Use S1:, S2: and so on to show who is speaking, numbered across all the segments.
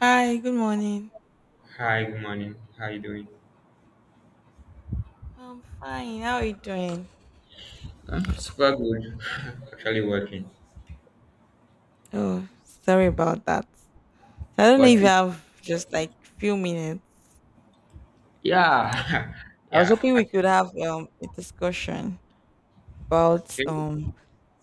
S1: Hi, good morning.
S2: Hi, good morning. How are you doing?
S1: I'm fine. How are you doing?
S2: Super good. Actually working,
S1: Oh, sorry about that. So I don't know if
S2: but
S1: you
S2: it,
S1: have just like few minutes.
S2: yeah,
S1: I was
S2: yeah.
S1: hoping we could have a discussion about
S2: Okay.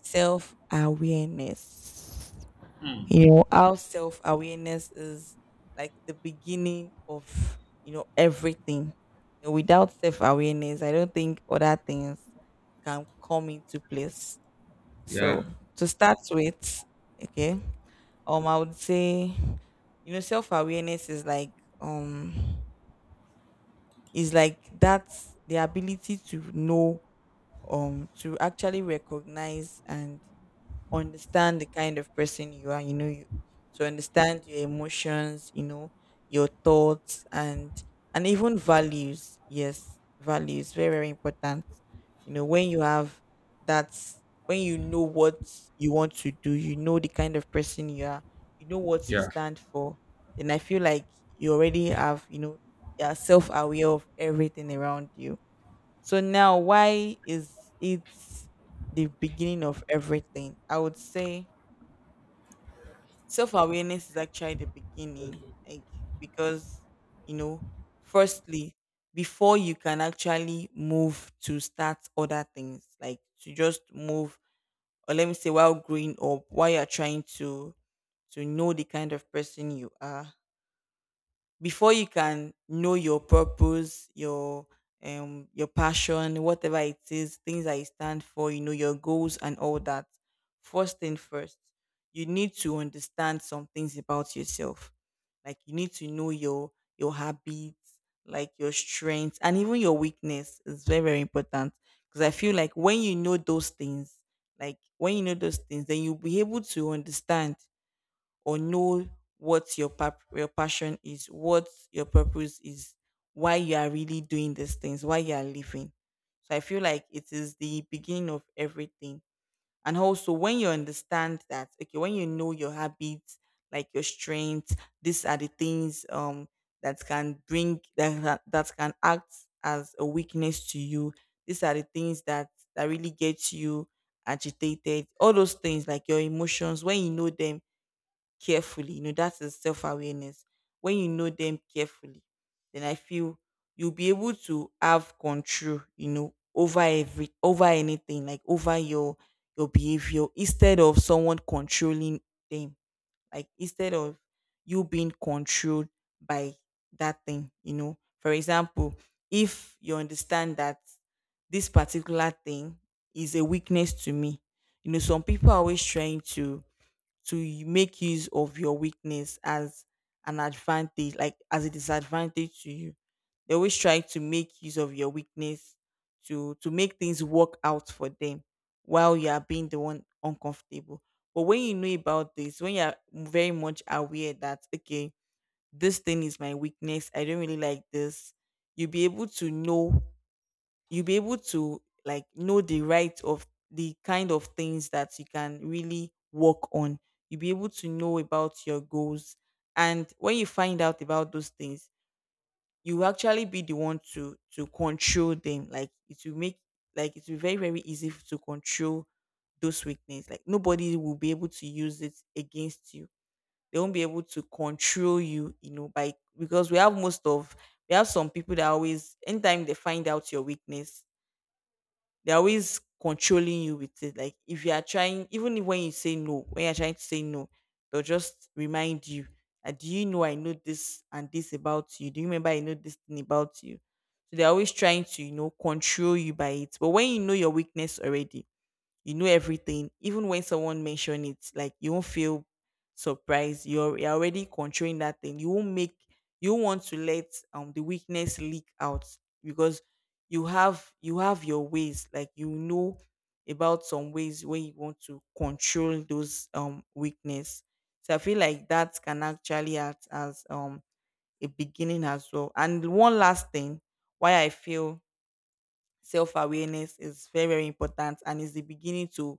S1: self-awareness.
S2: Hmm.
S1: You know, how self-awareness is like the beginning of, you know, everything. You know, without self-awareness, I don't think other things can come into place.
S2: Yeah,
S1: So, to start with, okay? I would say, you know, self-awareness is like, um is like, that's the ability to know, to actually recognize and understand the kind of person you are, you know, you to understand your emotions, you know, your thoughts and even values. Yes, values very very important. You know, when you have that, when you know what you want to do, you know the kind of person you are, you know what you
S2: yeah.
S1: stand for, then I feel like you already have, you know, you are self aware of everything around you. So now, why is it the beginning of everything? I would say self awareness is actually the beginning, like, because, you know, firstly, before you can actually move to start other things, like to just move, or let me say, while growing up, while you're trying to know the kind of person you are, before you can know your purpose, your passion, whatever it is, things that you stand for, you know, your goals and all that. First thing first, you need to understand some things about yourself. Like you need to know your habits, like your strengths and even your weakness is very, very important. Because I feel like when you know those things, like when you know those things, then you'll be able to understand or know what your your passion is, what your purpose is, why you are really doing these things, why you are living. So I feel like it is the beginning of everything. And also when you understand that, okay, when you know your habits, like your strengths, these are the things that can bring that can act as a weakness to you. These are the things that really get you agitated. All those things like your emotions, when you know them, carefully. You know, that is self awareness. When you know them carefully, then I feel you'll be able to have control, you know, over every, over anything, like over your behavior instead of someone controlling them. Like instead of you being controlled by that thing, you know. For example, if you understand that this particular thing is a weakness to me, you know, some people are always trying to make use of your weakness as an advantage, like as a disadvantage to you. They always try to make use of your weakness to make things work out for them while you are being the one uncomfortable. But when you know about this, when you are very much aware that, okay, this thing is my weakness, I don't really like this, you'll be able to know, you'll be able to like know the right of the kind of things that you can really work on. You'll be able to know about your goals. And when you find out about those things, you will actually be the one to control them. Like it will make, like it will be very, very easy to control those weakness. Like nobody will be able to use it against you. They won't be able to control you, you know, by, because we have most of, we have some people that always anytime they find out your weakness, they're always controlling you with it. Like if you are trying, even if when you say no, when you're trying to say no, they'll just remind you that, do you know I know this and this about you? Do you remember I know this thing about you? So they're always trying to, you know, control you by it. But when you know your weakness already, you know everything. Even when someone mention it, like, you won't feel surprised, you're already controlling that thing. You won't make, you won't want to let the weakness leak out, because you have, you have your ways, like you know about some ways where you want to control those weakness. So I feel like that can actually act as a beginning as well. And one last thing, why I feel self-awareness is very very important and is the beginning to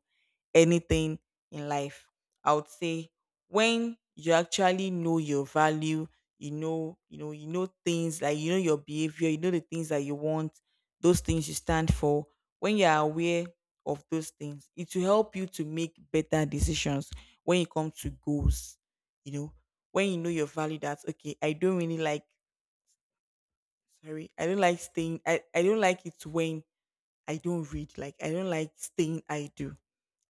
S1: anything in life. I would say when you actually know your value, you know, you know, you know things like, you know your behavior, you know the things that you want, those things you stand for. When you are aware of those things, it will help you to make better decisions when it comes to goals. You know, when you know your value, that's okay. I don't really like. Sorry, I don't like staying. I don't like it when I don't read. Like I don't like staying idle.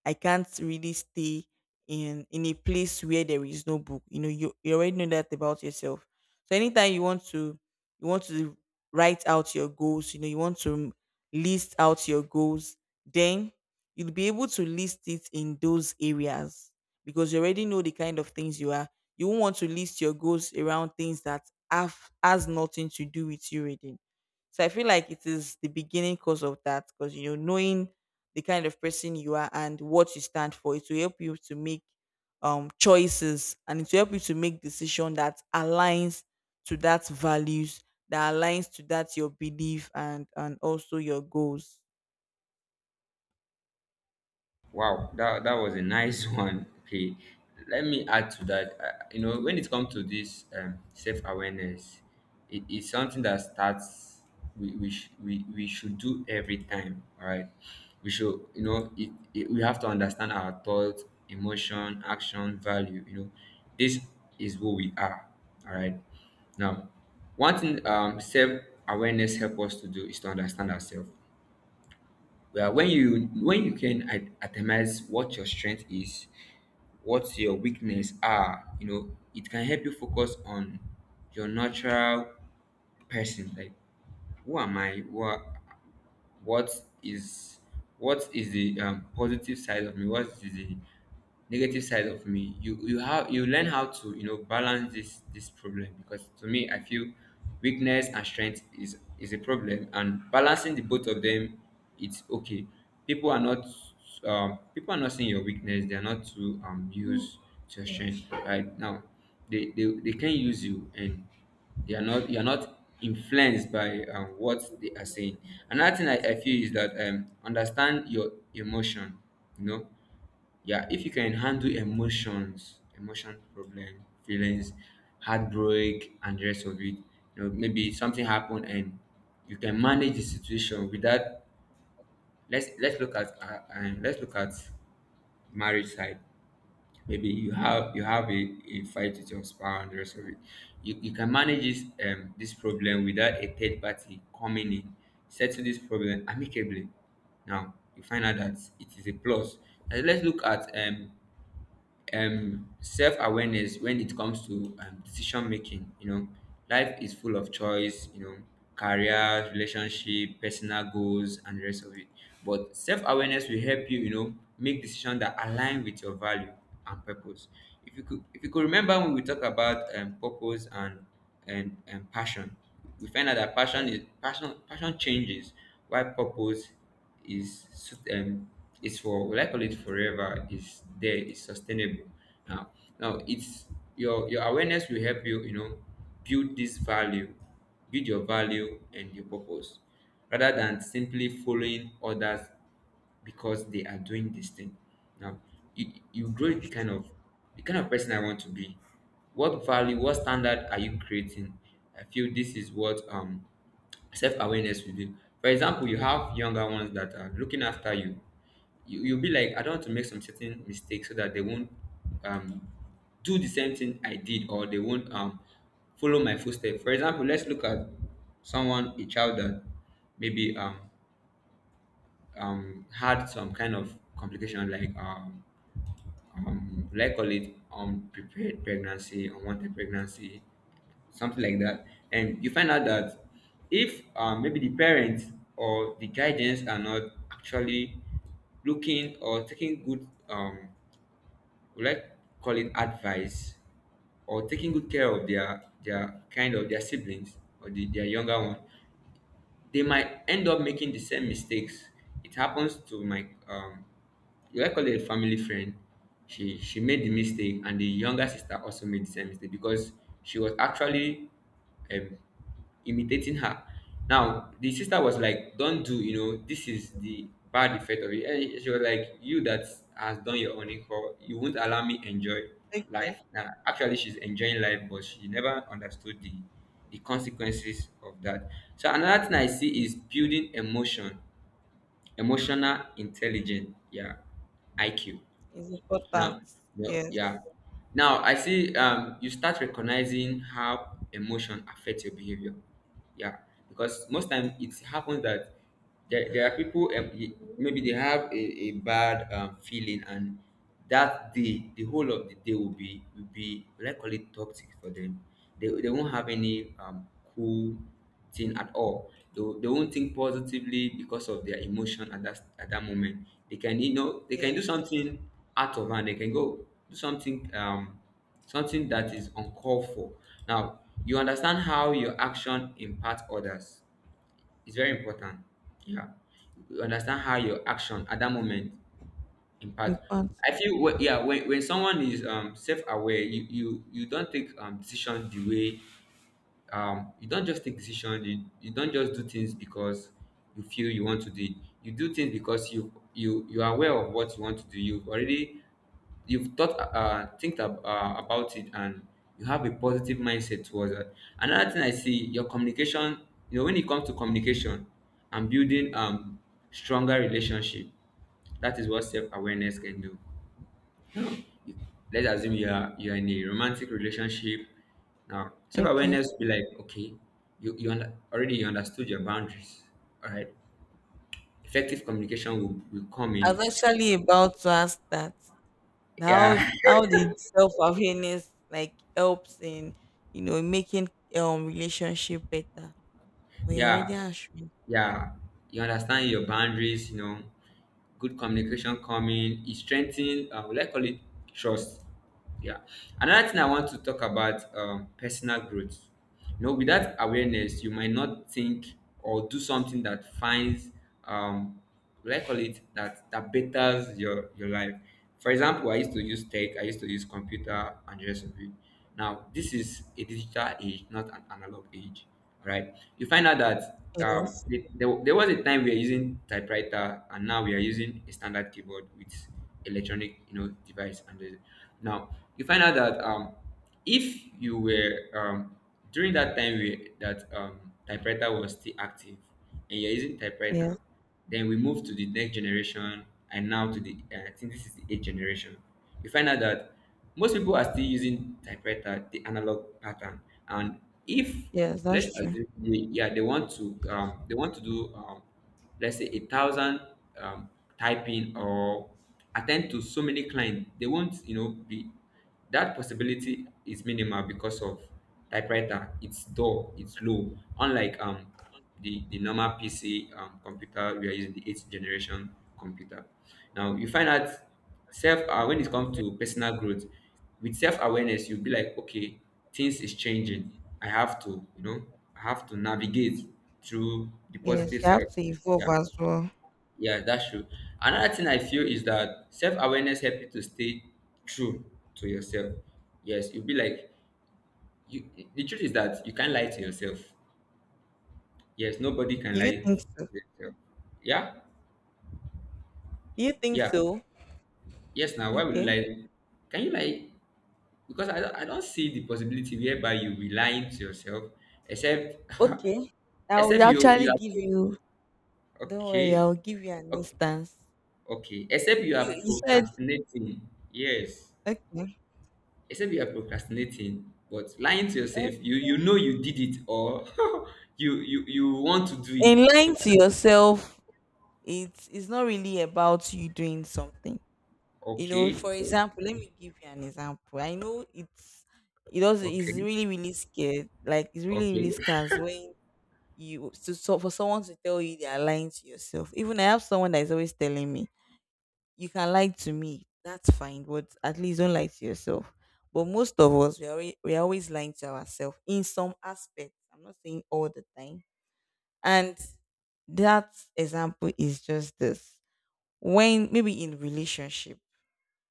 S1: I can't really stay in a place where there is no book. You know, you already know that about yourself. So anytime you want to, you want to write out your goals, you know, you want to list out your goals, then you'll be able to list it in those areas because you already know the kind of things you are. You won't want to list your goals around things that have, has nothing to do with you already. So I feel like it is the beginning cause of that, because, you know, knowing the kind of person you are and what you stand for, it will help you to make choices, and it will help you to make decision that aligns to that values, that aligns to that your belief and also your goals.
S2: Wow, that was a nice one. Okay, let me add to that. You know, when it comes to this self awareness, it is something that starts. We, sh- we should do every time. All right, we should you know we have to understand our thoughts, emotion, action, value. You know, this is who we are. All right. Now, one thing self awareness help us to do is to understand ourselves. Well, when you can itemize what your strength is, what your weakness are, you know, it can help you focus on your natural person. Like, who am I? What is what is the positive side of me? What is the negative side of me? You have, you learn how to you know balance this problem, because to me, I feel weakness and strength is a problem, and balancing the both of them, it's okay. people are not People are not seeing your weakness. They are not to use to your strength right now. They can use you, and they are not, you are not influenced by what they are saying. Another thing I feel is that understand your emotion, you know. Yeah, if you can handle emotions, emotion problem, feelings, heartbreak and the rest of it. You know, maybe something happened, and you can manage the situation without- let's look at and let's look at marriage side. Maybe you have, a fight with your spouse and the rest of it. You can manage this this problem without a third party coming in, settle this problem amicably. Now you find out that it is a plus. And let's look at self-awareness when it comes to decision making, you know. Life is full of choice, you know, career, relationship, personal goals and the rest of it. But self-awareness will help you, you know, make decisions that align with your value and purpose. If you could remember when we talk about purpose and passion, we find out that passion
S1: Yeah,
S2: is passion, passion changes, while purpose is it's for, will I call it forever, is there, is sustainable. now Now it's your awareness will help you, you know, build this value, build your value and your purpose, rather than simply following others because they are doing this thing. Now, you grow the
S1: that's
S2: kind
S1: true.
S2: of person I want to be. What value, what standard are you creating? I feel this is what self awareness will do. For example, you have younger ones that are looking after you. You'll be like, I don't want to make some certain mistakes so that they won't um do the same thing I did, or they won't follow my footsteps. For example, let's look at someone, a child that maybe had some kind of complication like will I call it unprepared pregnancy, unwanted pregnancy, something like that. And you find out that if maybe the parents or the guardians are not actually looking or taking good, would I call it advice, or taking good care of their kind of their siblings, or their younger one, they might end up making the same mistakes. It happens to my you, I call it a family friend. She made the mistake, and the younger sister also made the same mistake because she was actually um, imitating her. Now the sister was like, "Don't do, you know, this is the bad effect of it." And she was like, "You that has done your own equal, you won't allow me enjoy
S1: Okay,
S2: life." Now actually, she's enjoying life, but she never understood the consequences of that. So another thing I
S1: that's
S2: see
S1: cool.
S2: is building emotional intelligence, yeah, IQ.
S1: It's important.
S2: Now, yeah, yeah.
S1: Yes,
S2: Now I see, you start recognizing how emotion affect your behavior. Yeah, because most time it happens that there are people, maybe they have a bad feeling, and that day the whole of the day will be, let's call it toxic for them. They won't have any cool thing at all. They won't think positively because of their emotion at that moment. They can, you know, they can do
S1: yes,
S2: something out of hand. They can go do something, something that is uncalled for. Now you understand how your action impacts others. It's very important. Yeah, you understand how your action at that moment impact.
S1: important.
S2: I feel yeah, when someone is self aware, you don't take decision the way, you don't just take decisions, you don't just do things because you feel you want to do it. You do things because you are aware of what you want to do, you've already, you've thought, think about it, and you have a positive mindset towards it. Another thing I see, your communication, you know. When it comes to communication and building stronger relationship, that is what self-awareness can do. Let's assume you are, in a romantic relationship. Now
S1: Okay.
S2: self-awareness will be like, okay, already you understood your boundaries, all right, effective communication will come
S1: I
S2: in.
S1: was actually about to ask that.
S2: Yeah.
S1: How did self awareness like helps in, you know, making relationship better? But you're already
S2: Yeah,
S1: answering.
S2: yeah. You understand your boundaries, you know, good communication coming. It strengthens, let's call it trust. Yeah. Another thing I want to talk about, personal growth. You know, without awareness, you might not think or do something that finds, um, let's call it that betters your life. For example, I used to use tech, I used to use computer and the rest of it. Now, this is a digital age, not an analog age, right? You find out that
S1: Yes,
S2: there, was a time we are using typewriter, and now we are using a standard keyboard with electronic, you know, device. Now you find out that if you were during that time we, that typewriter was still active, and you're using
S1: yes,
S2: typewriter. Then we move to the next generation, and now to the I think this is the eighth generation. You find out that most people are still using typewriter, the analog pattern, and if
S1: yes,
S2: let's
S1: that's true.
S2: assume they, yeah, they want to do, let's say a thousand um, typing or attend to so many clients, they won't, you know, be- that possibility is minimal because of typewriter, it's dull, it's low, unlike the, normal PC, computer, we are using the eighth generation computer. Now you find out, self, when it comes to personal growth, with self-awareness, you'll be like, okay, things is changing. I have to, you know, I have to navigate through the
S1: Yes,
S2: positive
S1: you
S2: side.
S1: have to
S2: Yeah.
S1: evolve as well.
S2: Yeah, that's true. Another thing I feel is that self awareness helps you to stay true to yourself. Yes, you'll be like you. The truth is that you can't lie to yourself. Yes, nobody can
S1: Do you
S2: lie to
S1: think so?
S2: yourself. Yeah,
S1: Do you think
S2: yeah.
S1: so?
S2: Yes, now why would you
S1: Okay.
S2: lie? Can you lie? Because I don't see the possibility whereby you be lying to yourself, except-
S1: Okay. I will
S2: except
S1: actually
S2: you are-
S1: give you, don't worry,
S2: okay,
S1: I'll give you an
S2: okay,
S1: instance.
S2: okay. Except you
S1: You
S2: are
S1: you said
S2: procrastinating. Yes.
S1: okay.
S2: Except you are procrastinating, but lying to yourself, you
S1: Okay.
S2: know you did it, or you want to do it,
S1: In
S2: so
S1: lying to yourself, it's not really about you doing something. You know,
S2: okay,
S1: for
S2: so
S1: example, let me give you an example. I know it's, it does, it's
S2: okay,
S1: really really scared, like it's really really
S2: okay.
S1: scares when you, to, so for someone to tell you they are lying to yourself, even I have someone that is always telling me, you can lie to me, that's fine, but at least don't lie to yourself. But most of us, we are, we are always lying to ourselves in some aspects. I'm not saying all the time. And that example is just this: when maybe in relationship,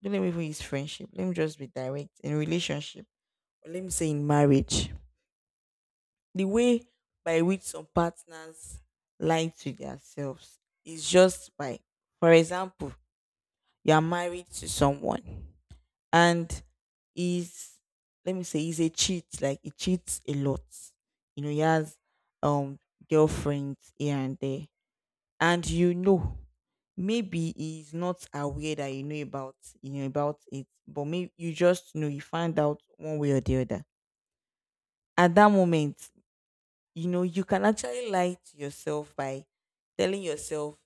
S1: don't let me even use friendship. Let me just be direct in relationship, or let me say in marriage. The way by which some partners lie to themselves is just by, for example, you are married to someone, and is, let me say he's a cheat, like he cheats a lot. You know, he has um girlfriends here and there, and, you know, maybe he's not aware that you know about, you know about it, but maybe you just know, you find out one way or the other. At that moment, you know, you can actually lie to yourself by telling yourself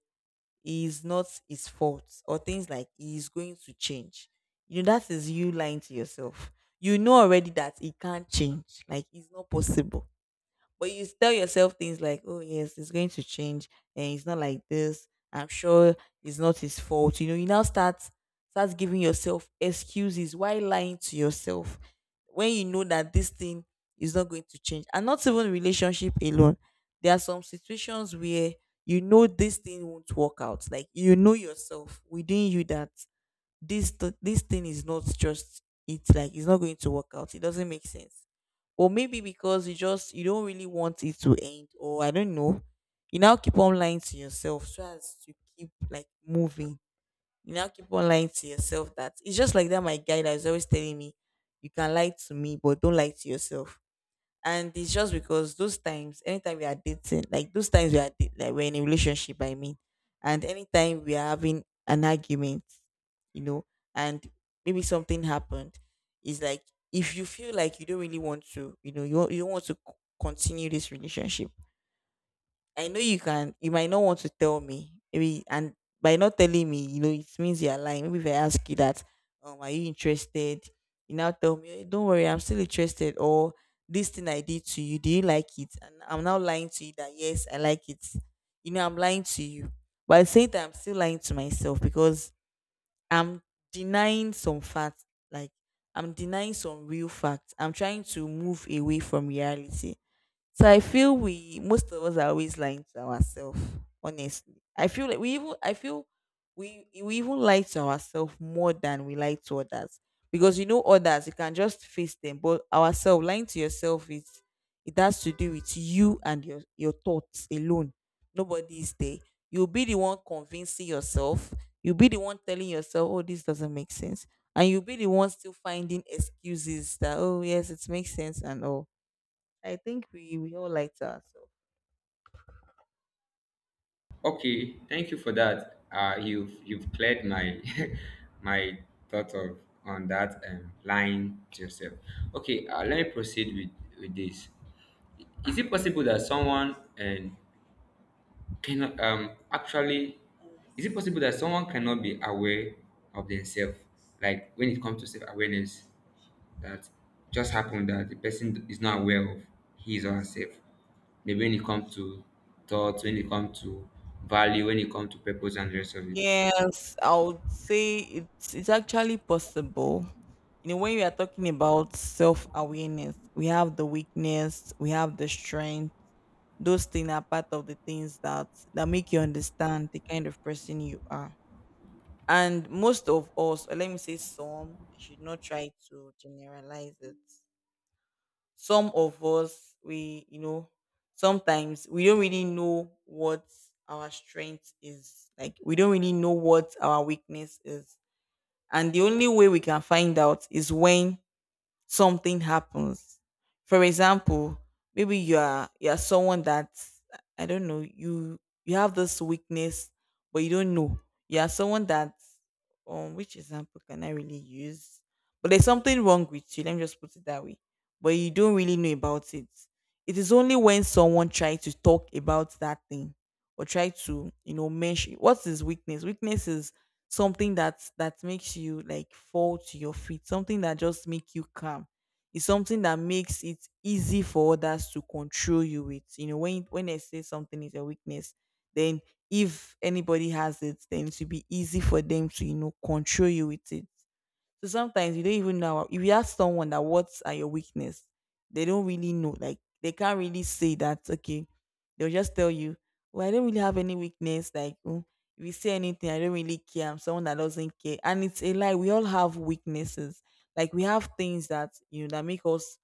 S1: it's not his fault, or things like he's going to change. You know, that is you lying to yourself. You know already that it can't change, like it's not possible, but you tell yourself things like, oh, yes, it's going to change. And it's not like this. I'm sure it's not his fault. You know, you now start, start giving yourself excuses while lying to yourself when you know that this thing is not going to change. And not even relationship alone. There are some situations where you know this thing won't work out. Like you know yourself within you that this thing is not just it's like it's not going to work out. It doesn't make sense, or maybe because you don't really want it to end, or I don't know, you now keep on lying to yourself so as to keep like moving. You now keep on lying to yourself that it's just like that. My guy that is always telling me, you can lie to me but don't lie to yourself. And it's just because those times, anytime we are dating, like those times we are date, like we're in a relationship, I mean, and anytime we are having an argument, you know and maybe something happened, it's like, if you feel like you don't really want to, you don't want to continue this relationship, I know you can, you might not want to tell me. Maybe, and by not telling me, you know, it means you're lying. Maybe if I ask you that, are you interested? You now tell me, "Eh, don't worry, I'm still interested." Or this thing I did to you, do you like it? And I'm now lying to you that yes, I like it. You know, I'm lying to you. But at the same time, I'm still lying to myself because I'm denying some facts. Like, I'm denying some real facts. I'm trying to move away from reality. So I feel we, most of us are always lying to ourselves, honestly. I feel like we, even I feel we even lie to ourselves more than we lie to others. Because, you know, others, you can just face them. But ourselves, lying to yourself is, it has to do with you and your thoughts alone. Nobody is there. You'll be the one convincing yourself. You'll be the one telling yourself, oh, this doesn't make sense. And you'll be the one still finding excuses that, oh yes, it makes sense and all. I think we all lie to ourselves.
S2: Okay, thank you for that. You've, cleared my my thought of, on that, lying to yourself. Okay, let me proceed with this. Is it possible that someone, and, can, actually, is it possible that someone cannot be aware of themselves? Like when it comes to self awareness, that just happened that the person is not aware of his or herself. Maybe when it comes to thoughts, when it comes to value, when it comes to purpose and the rest of it.
S1: Yes, I would say it's actually possible. You know, when we are talking about self awareness, we have the weakness, we have the strength. Those things are part of the things that make you understand the kind of person you are. And most of us, or let me say some, I should not try to generalize it. Some of us, we, you know, sometimes we don't really know what our strength is, like we don't really know what our weakness is, and the only way we can find out is when something happens. For example, maybe you are someone that, I don't know, you have this weakness, but you don't know. You are someone that, which example can I really use? But there's something wrong with you, let me just put it that way. But you don't really know about it. It is only when someone tries to talk about that thing, or try to, you know, mention what is weakness. Weakness is something that makes you like fall to your feet, something that just make you calm. It's something that makes it easy for others to control you with. You know, when they say something is a weakness, then if anybody has it, then it should be easy for them to, you know, control you with it. So sometimes you don't even know. If you ask someone that, what are your weakness, they don't really know. Like they can't really say that. Okay, they'll just tell you, "Well, I don't really have any weakness. Like, mm, if you say anything, I don't really care. I'm someone that doesn't care." And it's a lie. We all have weaknesses. Like we have things that, you know, that make us,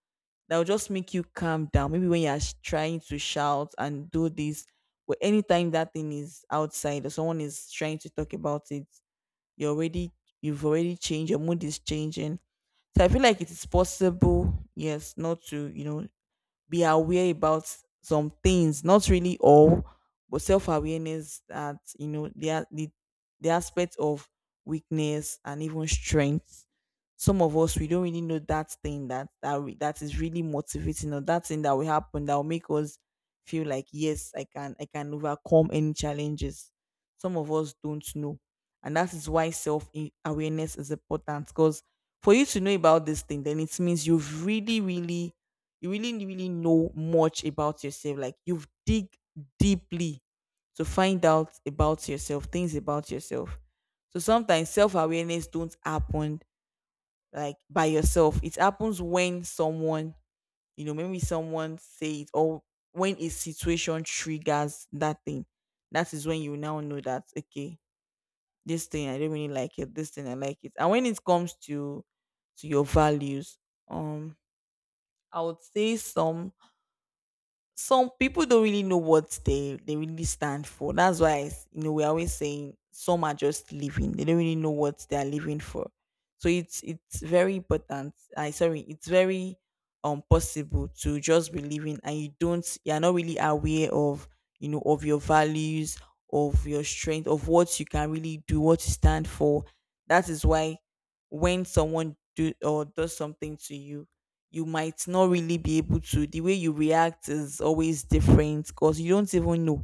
S1: that will just make you calm down. Maybe when you are trying to shout and do this, but anytime that thing is outside or someone is trying to talk about it, you're already, you've already changed, your mood is changing. So I feel like it is possible, yes, not to, you know, be aware about some things, not really all, but self awareness, that you know the the aspect of weakness and even strength. Some of us, we don't really know that thing that is really motivating, or that thing that will happen that will make us feel like yes, I can overcome any challenges. Some of us don't know, and that is why self awareness is important, because for you to know about this thing, then it means you've really really, you really really know much about yourself, like you've dig deeply to find out about yourself, things about yourself. So sometimes self-awareness don't happen like by yourself, it happens when someone, you know, maybe someone say it, or when a situation triggers that thing, that is when you now know that okay, this thing I don't really like it, this thing I like it. And when it comes to your values, um I would say some people don't really know what they really stand for. That's why it's, you know we're always saying some are just living. They don't really know what they are living for. So it's very important. I, sorry, it's very possible to just be living and you don't you're not really aware of, you know, of your values, of your strength, of what you can really do, what you stand for. That is why when someone do or does something to you, you might not really be able to, the way you react is always different, because you don't even know.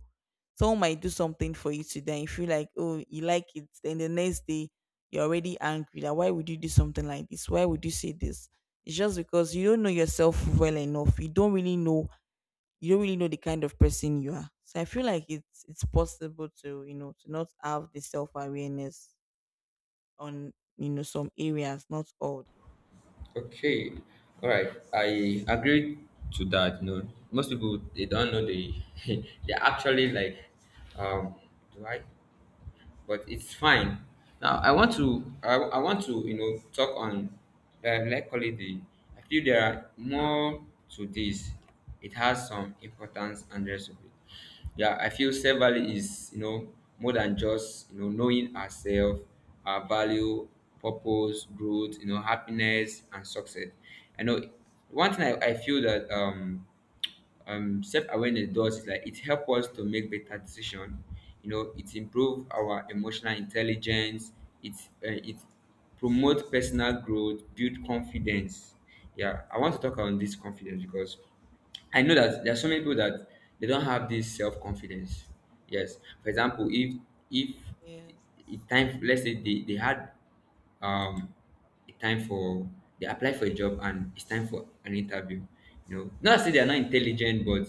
S1: Someone might do something for you today and you feel like oh, you like it, then the next day you're already angry that, why would you do something like this, why would you say this. It's just because you don't know yourself well enough, you don't really know, you don't really know the kind of person you are. So I feel like it's possible to, you know, to not have the self-awareness on, you know, some areas, not all.
S2: Okay, all right. I agree to that. You know, most people they don't know, they they actually like- Um, do I? But it's fine. Now I want to, I want to, you know, talk on, like, call it the- I feel there are more to this. It has some importance and rest of it. Yeah, I feel self value is, you know, more than just, you know, knowing ourselves, our value, purpose, growth, you know, happiness and success. I know one thing I feel that self-awareness does is like it helps us to make better decision, you know, it improve our emotional intelligence, it it promote personal growth, build confidence. Yeah, I want to talk on this confidence because I know that there are so many people that they don't have this self confidence. Yes. For example, if
S1: Yes.
S2: if time, let's say they had um a time for they apply for a job and it's time for an interview. You know, not say they are not intelligent, but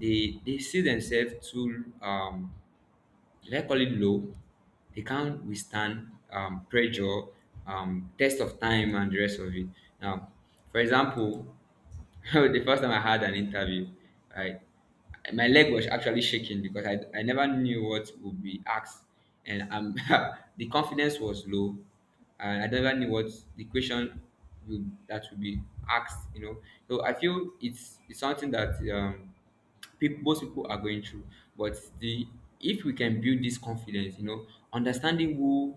S2: they see themselves too, should I call it low? They can't withstand pressure, test of time, and the rest of it. Now, for example, the first time I had an interview, I, my leg was actually shaking because I never knew what would be asked, and the confidence was low. And I never knew what the question will, that would be asked, So I feel it's something that people most people are going through, but the if we can build this confidence, you know, understanding who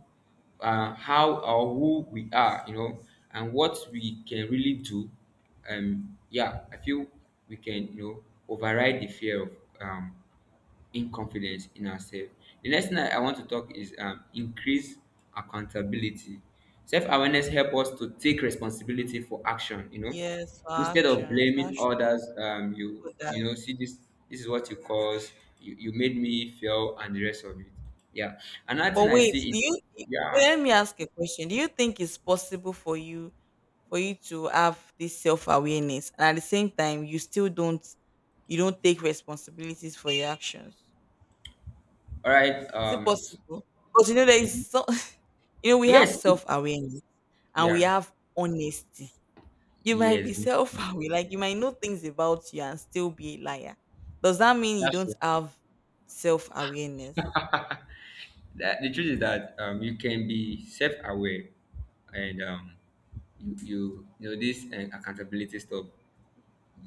S2: how or who we are, you know, and what we can really do. Yeah, I feel we can, you know, override the fear of um in confidence in ourselves. The next thing I want to talk is increase accountability. Self-awareness help us to take responsibility for action. You know,
S1: Yes, for
S2: instead of
S1: actions that
S2: blaming others, you
S1: people
S2: you
S1: that,
S2: know see this, this is what you caused. You made me fail and the rest of it. Yeah. Another thing
S1: but
S2: I
S1: wait,
S2: see
S1: do
S2: is
S1: you,
S2: yeah.
S1: let me ask a question. Do you think it's possible for you, for you to have this self-awareness and at the same time you still don't, you don't take responsibilities for your actions?
S2: All right.
S1: Is it possible? Because you know there is so, you know we have
S2: Yes. It,
S1: self-awareness and we
S2: yeah.
S1: have honesty. You might
S2: Yes.
S1: be self-aware, like you might know things about you and still be a liar. Does that mean you
S2: That's
S1: don't
S2: true.
S1: have self-awareness?
S2: The truth is that, you can be self-aware and, you know this and accountability stuff,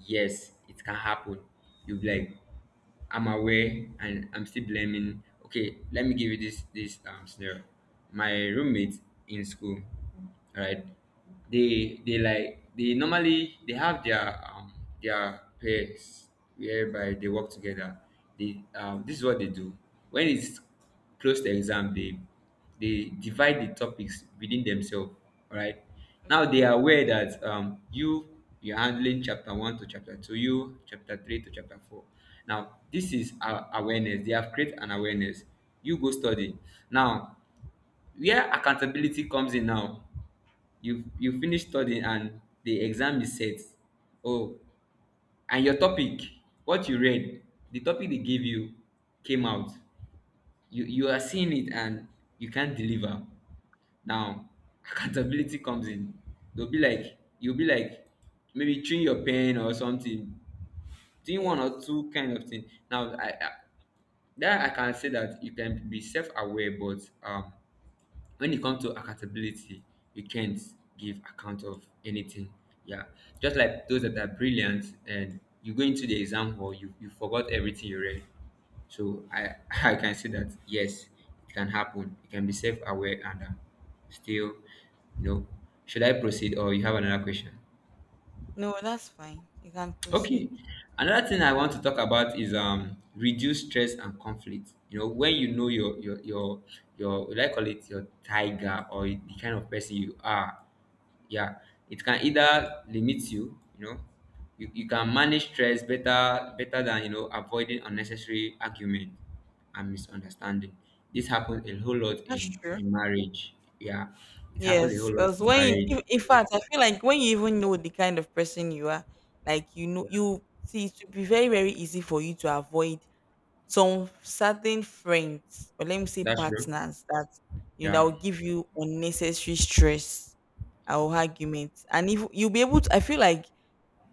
S2: yes, it can happen. You'll be like, I'm aware and I'm still blaming. Okay, let me give you this scenario. My roommates in school, right? They like they normally they have their pairs whereby they work together. They, um, this is what they do. When it's close to exam, they divide the topics within themselves, all right. Now they are
S1: Okay.
S2: aware that, um, you, you're handling chapter one to chapter two, you chapter three to chapter four. Now this is our awareness, they have created an awareness, you go study. Now, where accountability comes in, now you finish studying and the exam is set. Oh, and your topic, what you read, the topic they gave you, came out. You are seeing it and you can't deliver. Now, accountability comes in. They'll be like, you'll be like, maybe chewing your pen or something, doing one
S1: Yes.
S2: or two kind of thing. Now, I that I can say that you can be self-aware, but, when it comes to accountability, you can't give account of anything. Yeah, just like those that are brilliant and you go into the exam hall, you forgot everything you read. So I I can say that yes, it can happen. You can be self aware and, still, you know. Should I proceed or you have another question?
S1: No, that's fine. You can proceed.
S2: Okay. Another thing I want to talk about is reduce stress and conflict. You know, when you know your what do I call it, your tiger or the kind of person you are, yeah, it can either limit you, you know, you can manage stress better than, you know, avoiding unnecessary argument and misunderstanding. This happens a whole lot
S1: That's
S2: in
S1: true.
S2: marriage. Yeah, it happens a
S1: Yes,
S2: whole lot
S1: because
S2: in
S1: when you,
S2: marriage.
S1: in fact, I feel like when you even know the kind of person you are, like you know,
S2: Yeah,
S1: you see, it would be very, very easy for you to avoid some certain friends, or let me say
S2: that's true.
S1: partners that you know
S2: Yeah.
S1: will give you unnecessary stress or arguments, and if you'll be able to, I feel like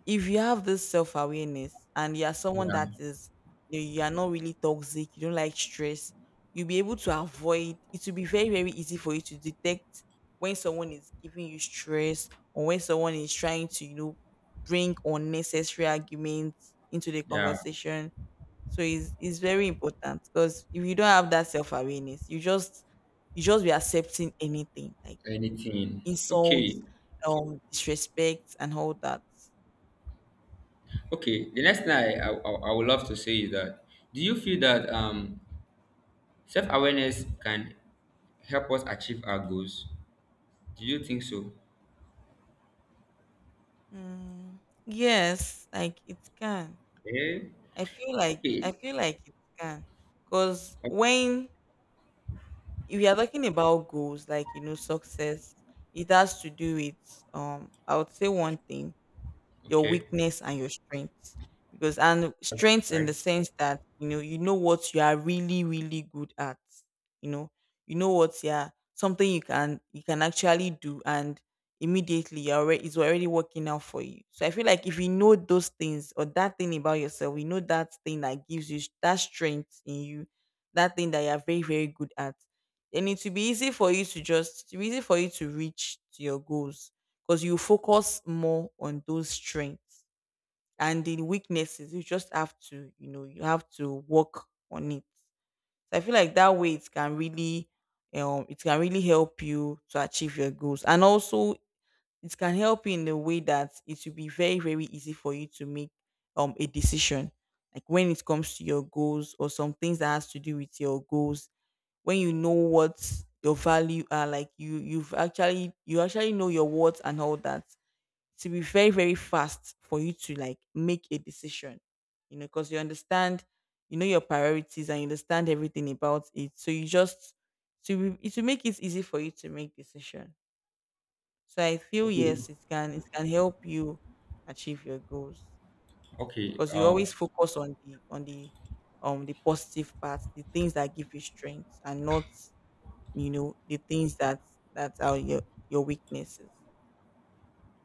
S1: if you have this self awareness and you are someone that
S2: Yeah.
S1: is, you know, you are not really toxic, you don't like stress, you'll be able to avoid, it will be very, very easy for you to detect when someone is giving you stress, or when someone is trying to, you know, bring unnecessary arguments into the
S2: Yeah.
S1: conversation. So it's very important, because if you don't have that self awareness, you just, you just be accepting anything like
S2: Anything.
S1: insults,
S2: Okay.
S1: disrespect and all that.
S2: Okay, the next thing I would love to say is that, do you feel that, um, self-awareness can help us achieve our goals? Do you think so?
S1: Mm, yes, like it can.
S2: Yeah.
S1: I feel like
S2: Okay.
S1: I feel like it can. Because
S2: O-
S1: when we are talking about goals, like you know, success, it has to do with, I would say one thing, your
S2: Okay.
S1: weakness and your strengths. Because, and strengths in
S2: Right.
S1: the sense that you know, you know what you are really really good at, you know, you know what, yeah, something you can actually do, and immediately you're already, it's already working out for you. So I feel like if you know those things or that thing about yourself, you know that thing that gives you that strength in you, that thing that you're very very good at, then it will be easy for you to just, it will be easy for you to reach to your goals, because you focus more on those strengths. And the weaknesses, you just have to, you know, you have to work on it. So I feel like that way, it can really, it can really help you to achieve your goals. And also, it can help you in a way that it will be very very easy for you to make a decision. Like when it comes to your goals or some things that has to do with your goals, when you know what your value are, like you, you've actually, you actually know your worth and all that, to be very very fast for you to like make a decision, you know, because you understand, you know your priorities and you understand everything about it. So you just to be, to make it easy for you to make decision. So I feel yes, it can, it can help you achieve your goals,
S2: Okay.
S1: because you always focus on the the positive parts, the things that give you strength, and not, you know, the things that that are your weaknesses.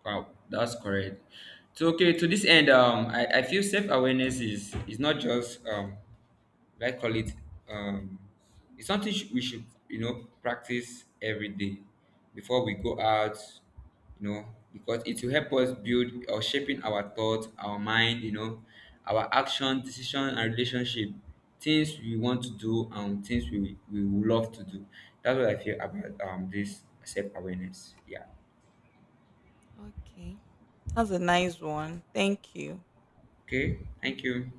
S2: Wow. That's correct. So okay. To this end, I feel self awareness is not just, um, I call it, um, it's something we should, you know, practice every day before we go out, you know, because it will help us build or shaping our thoughts, our mind, you know, our action decision and relationship, things we want to do and things we would love to do. That's what I feel about, um, this self-awareness. Yeah.
S1: Okay. That's a nice one, thank you.
S2: Okay, thank you.